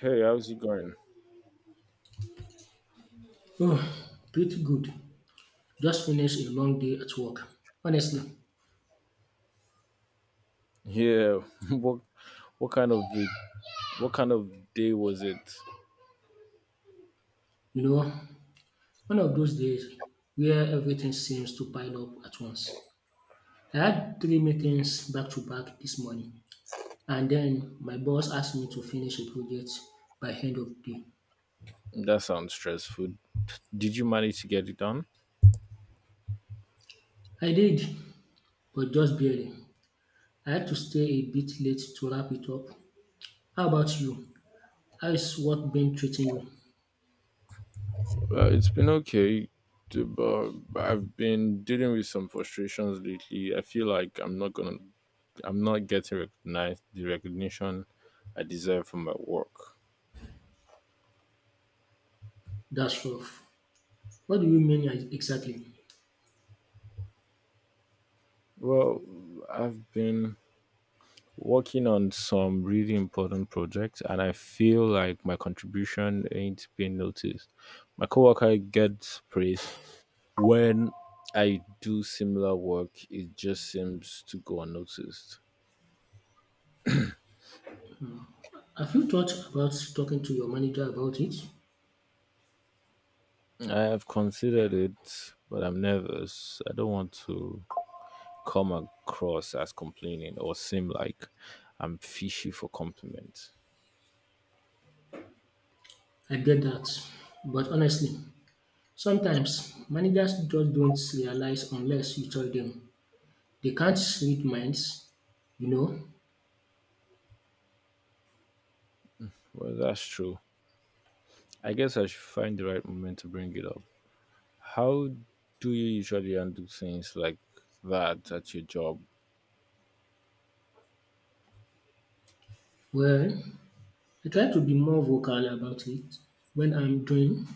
Hey, how's it going? Oh, pretty good. Just finished a long day at work. Honestly, Yeah, what what kind of what kind of day was it? you know, one of those days where everything seems to pile up at once. I had three meetings back to back this morning, and then my boss asked me to finish a project by end of day. That sounds stressful. Did you manage to get it done? I did, but just barely. I had to stay a bit late to wrap it up. How about you? How is work been treating you? Well, it's been okay, but I've been dealing with some frustrations lately. I feel like I'm not getting recognized the recognition I deserve from my work. That's rough. What do you mean exactly? Well, I've been working on some really important projects and I feel like my contribution ain't being noticed. My coworker gets praise when I do similar work, it just seems to go unnoticed. Have you thought about talking to your manager about it? I have considered it, but I'm nervous. I don't want to come across as complaining or seem like I'm fishy for compliments. I get that. But honestly, sometimes managers just don't realize unless you tell them. They can't read minds, you know. Well, that's true. I guess I should find the right moment to bring it up. How do you usually undo things like that at your job? Well, I try to be more vocal about it when I'm doing.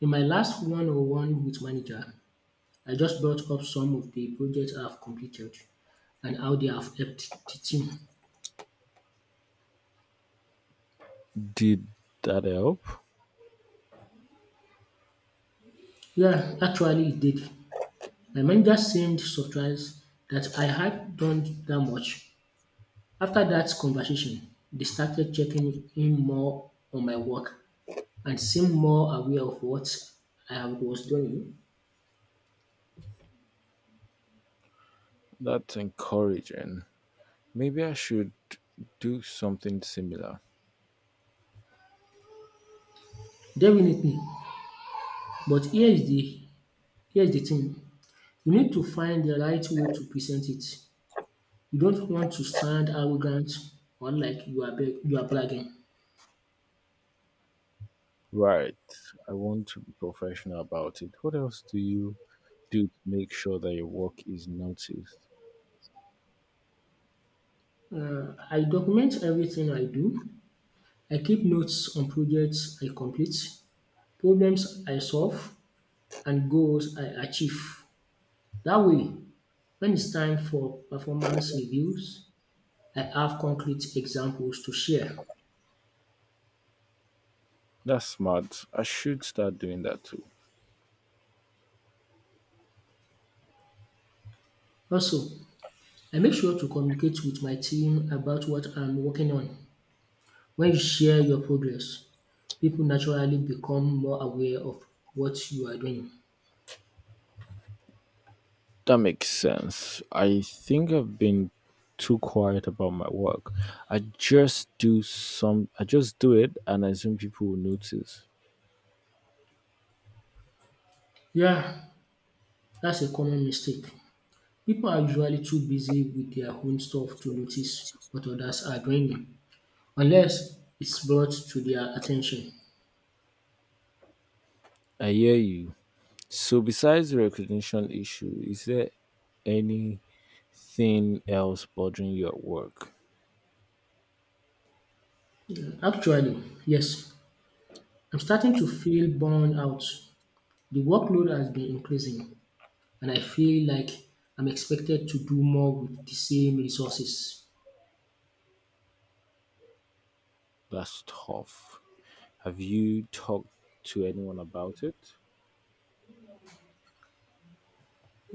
In my last one on one with manager, I just brought up some of the projects I've completed and how they have helped the team. Did that help? Yeah, actually it did. My manager seemed surprised that I had done that much. After that conversation, they started checking in more on my work and seemed more aware of what I was doing. That's encouraging. Maybe I should do something similar. Definitely. But here is the thing. You need to find the right way to present it. You don't want to sound arrogant or like you are bragging. Right. I want to be professional about it. What else do you do to make sure that your work is noticed? I document everything I do. I keep notes on projects I complete, problems I solve, and goals I achieve. That way, when it's time for performance reviews, I have concrete examples to share. That's smart. I should start doing that too. Also, I make sure to communicate with my team about what I'm working on. When you share your progress, people naturally become more aware of what you are doing. That makes sense. I think I've been too quiet about my work. I just do it and I assume people will notice. Yeah, that's a common mistake. People are usually too busy with their own stuff to notice what others are doing unless it's brought to their attention. I hear you. So besides the recognition issue, is there anything else bothering you at work? Actually, yes, I'm starting to feel burned out. The workload has been increasing and I feel like I'm expected to do more with the same resources. That's tough. Have you talked to anyone about it?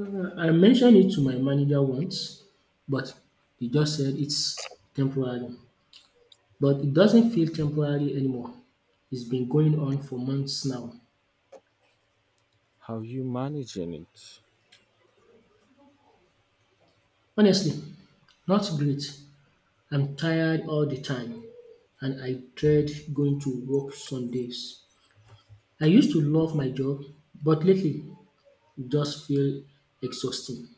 I mentioned it to my manager once, but he just said it's temporary. But it doesn't feel temporary anymore. It's been going on for months now. How are you managing it? Honestly, not great. I'm tired all the time and I dread going to work some days. I used to love my job, but lately it just feels exhausting.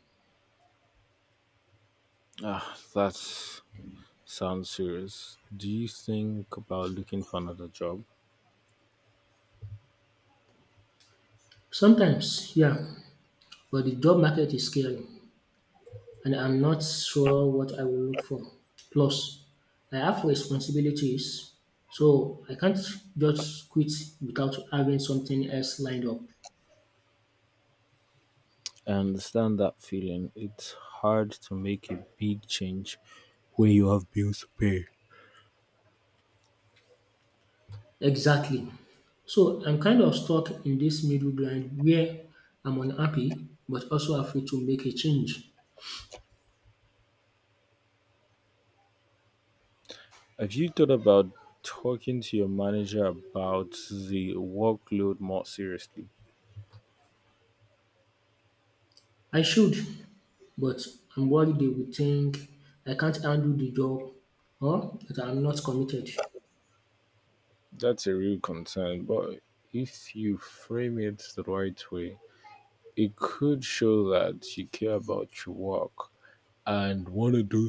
Ah, that sounds serious. Do you think about looking for another job? Sometimes, yeah, but the job market is scary and I'm not sure what I will look for. Plus, I have responsibilities, so I can't just quit without having something else lined up. I understand that feeling. It's hard to make a big change when you have bills to pay. Exactly. So I'm kind of stuck in this middle ground where I'm unhappy but also afraid to make a change. Have you thought about talking to your manager about the workload more seriously? I should, but I'm worried they will think I can't handle the job or that I'm not committed. That's a real concern, but if you frame it the right way, it could show that you care about your work and want to.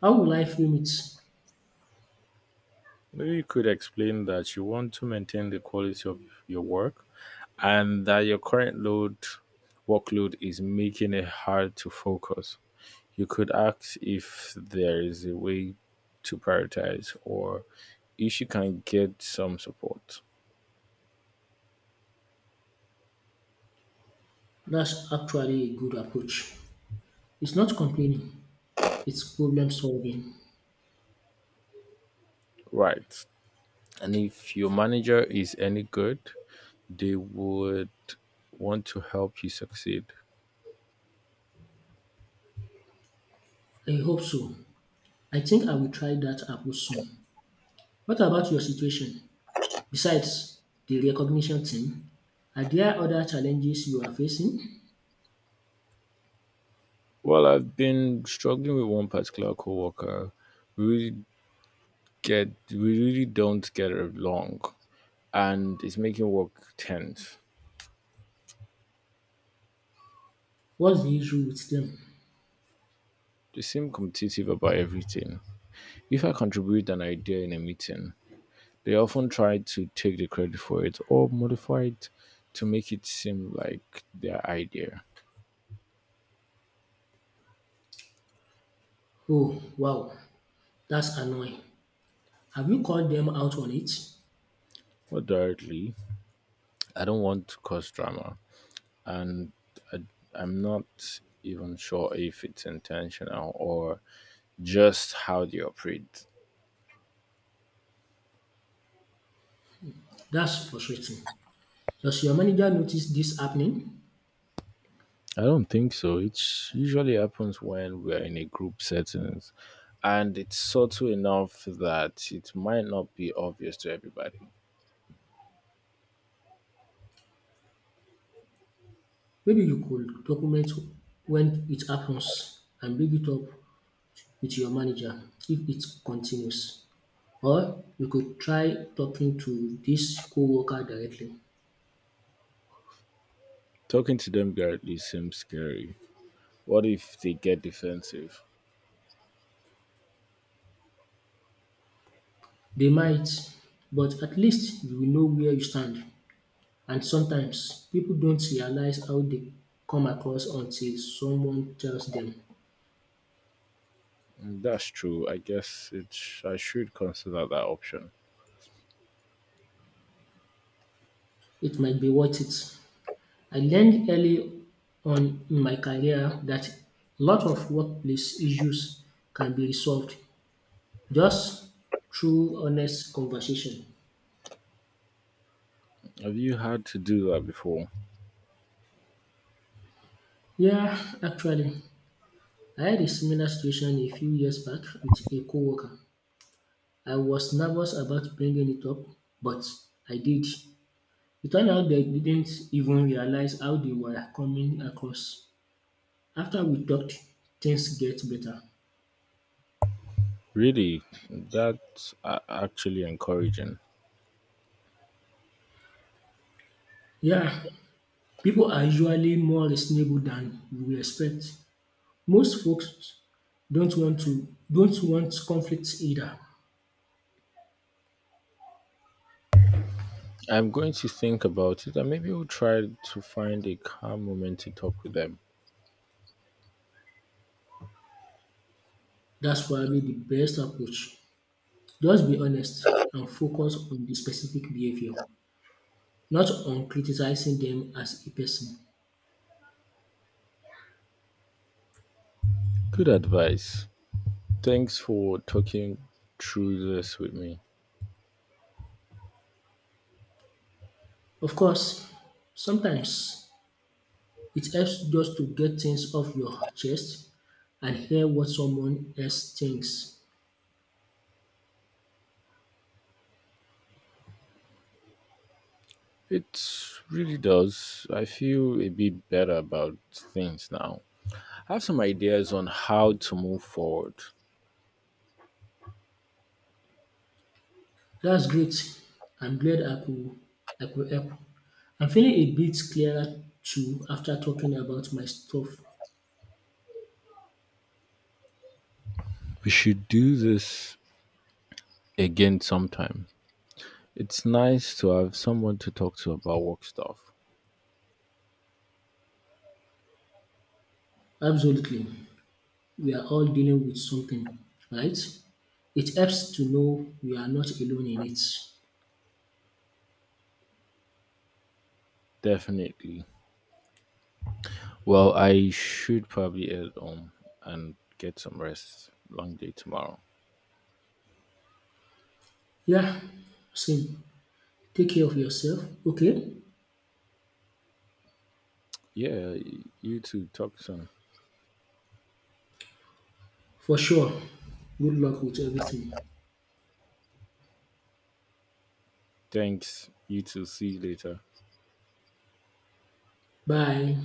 How will I frame it? Maybe you could explain that you want to maintain the quality of your work and that your current load workload is making it hard to focus. You could ask if there is a way to prioritize or if you can get some support. That's actually a good approach. It's not complaining, it's problem solving. Right. And if your manager is any good, they would want to help you succeed. I hope so. I think I will try that approach soon. What about your situation? Besides the recognition thing, are there other challenges you are facing? Well, I've been struggling with one particular coworker. We really we really don't get along and it's making work tense. What's the issue with them? They seem competitive about everything. If I contribute an idea in a meeting, they often try to take the credit for it or modify it to make it seem like their idea. Oh, wow, that's annoying. Have you called them out on it? More directly, I don't want to cause drama, and I, I'm not even sure if it's intentional or just how they operate. That's frustrating. Does your manager notice this happening? I don't think so. It usually happens when we're in a group settings and it's subtle enough that it might not be obvious to everybody. Maybe you could document when it happens and bring it up with your manager if it continues or you could try talking to this coworker directly. Talking to them directly seems scary. What if they get defensive? They might, but at least you will know where you stand and sometimes people don't realize how they come across until someone tells them. Mm, that's true. I guess it I should consider that option. It might be worth it. I learned early on in my career that a lot of workplace issues can be resolved just through honest conversation. Have you had to do that before? Yeah, actually I had a similar situation a few years back with a coworker. I was nervous about bringing it up, but I did. It turned out they didn't even realize how they were coming across. After we talked, things get better. Really? That's actually encouraging. Yeah, people are usually more reasonable than you expect. Most folks don't want conflict either. I'm going to think about it and maybe we'll try to find a calm moment to talk with them. That's probably the best approach. Just be honest and focus on the specific behavior, not on criticizing them as a person. Good advice. Thanks for talking through this with me. Of course, sometimes it helps just to get things off your chest and hear what someone else thinks. It really does. I feel a bit better about things now. I have some ideas on how to move forward. That's great. I'm glad I could help. I'm feeling a bit clearer too after talking about my stuff. We should do this again sometime. It's nice to have someone to talk to about work stuff. Absolutely. We are all dealing with something, right? It helps to know we are not alone in it. Definitely. Well, I should probably head home and get some rest. Long day tomorrow. Yeah, same. Take care of yourself, okay? Yeah, you too. Talk soon. For sure. Good luck with everything. Thanks. You too. See you later. Bye.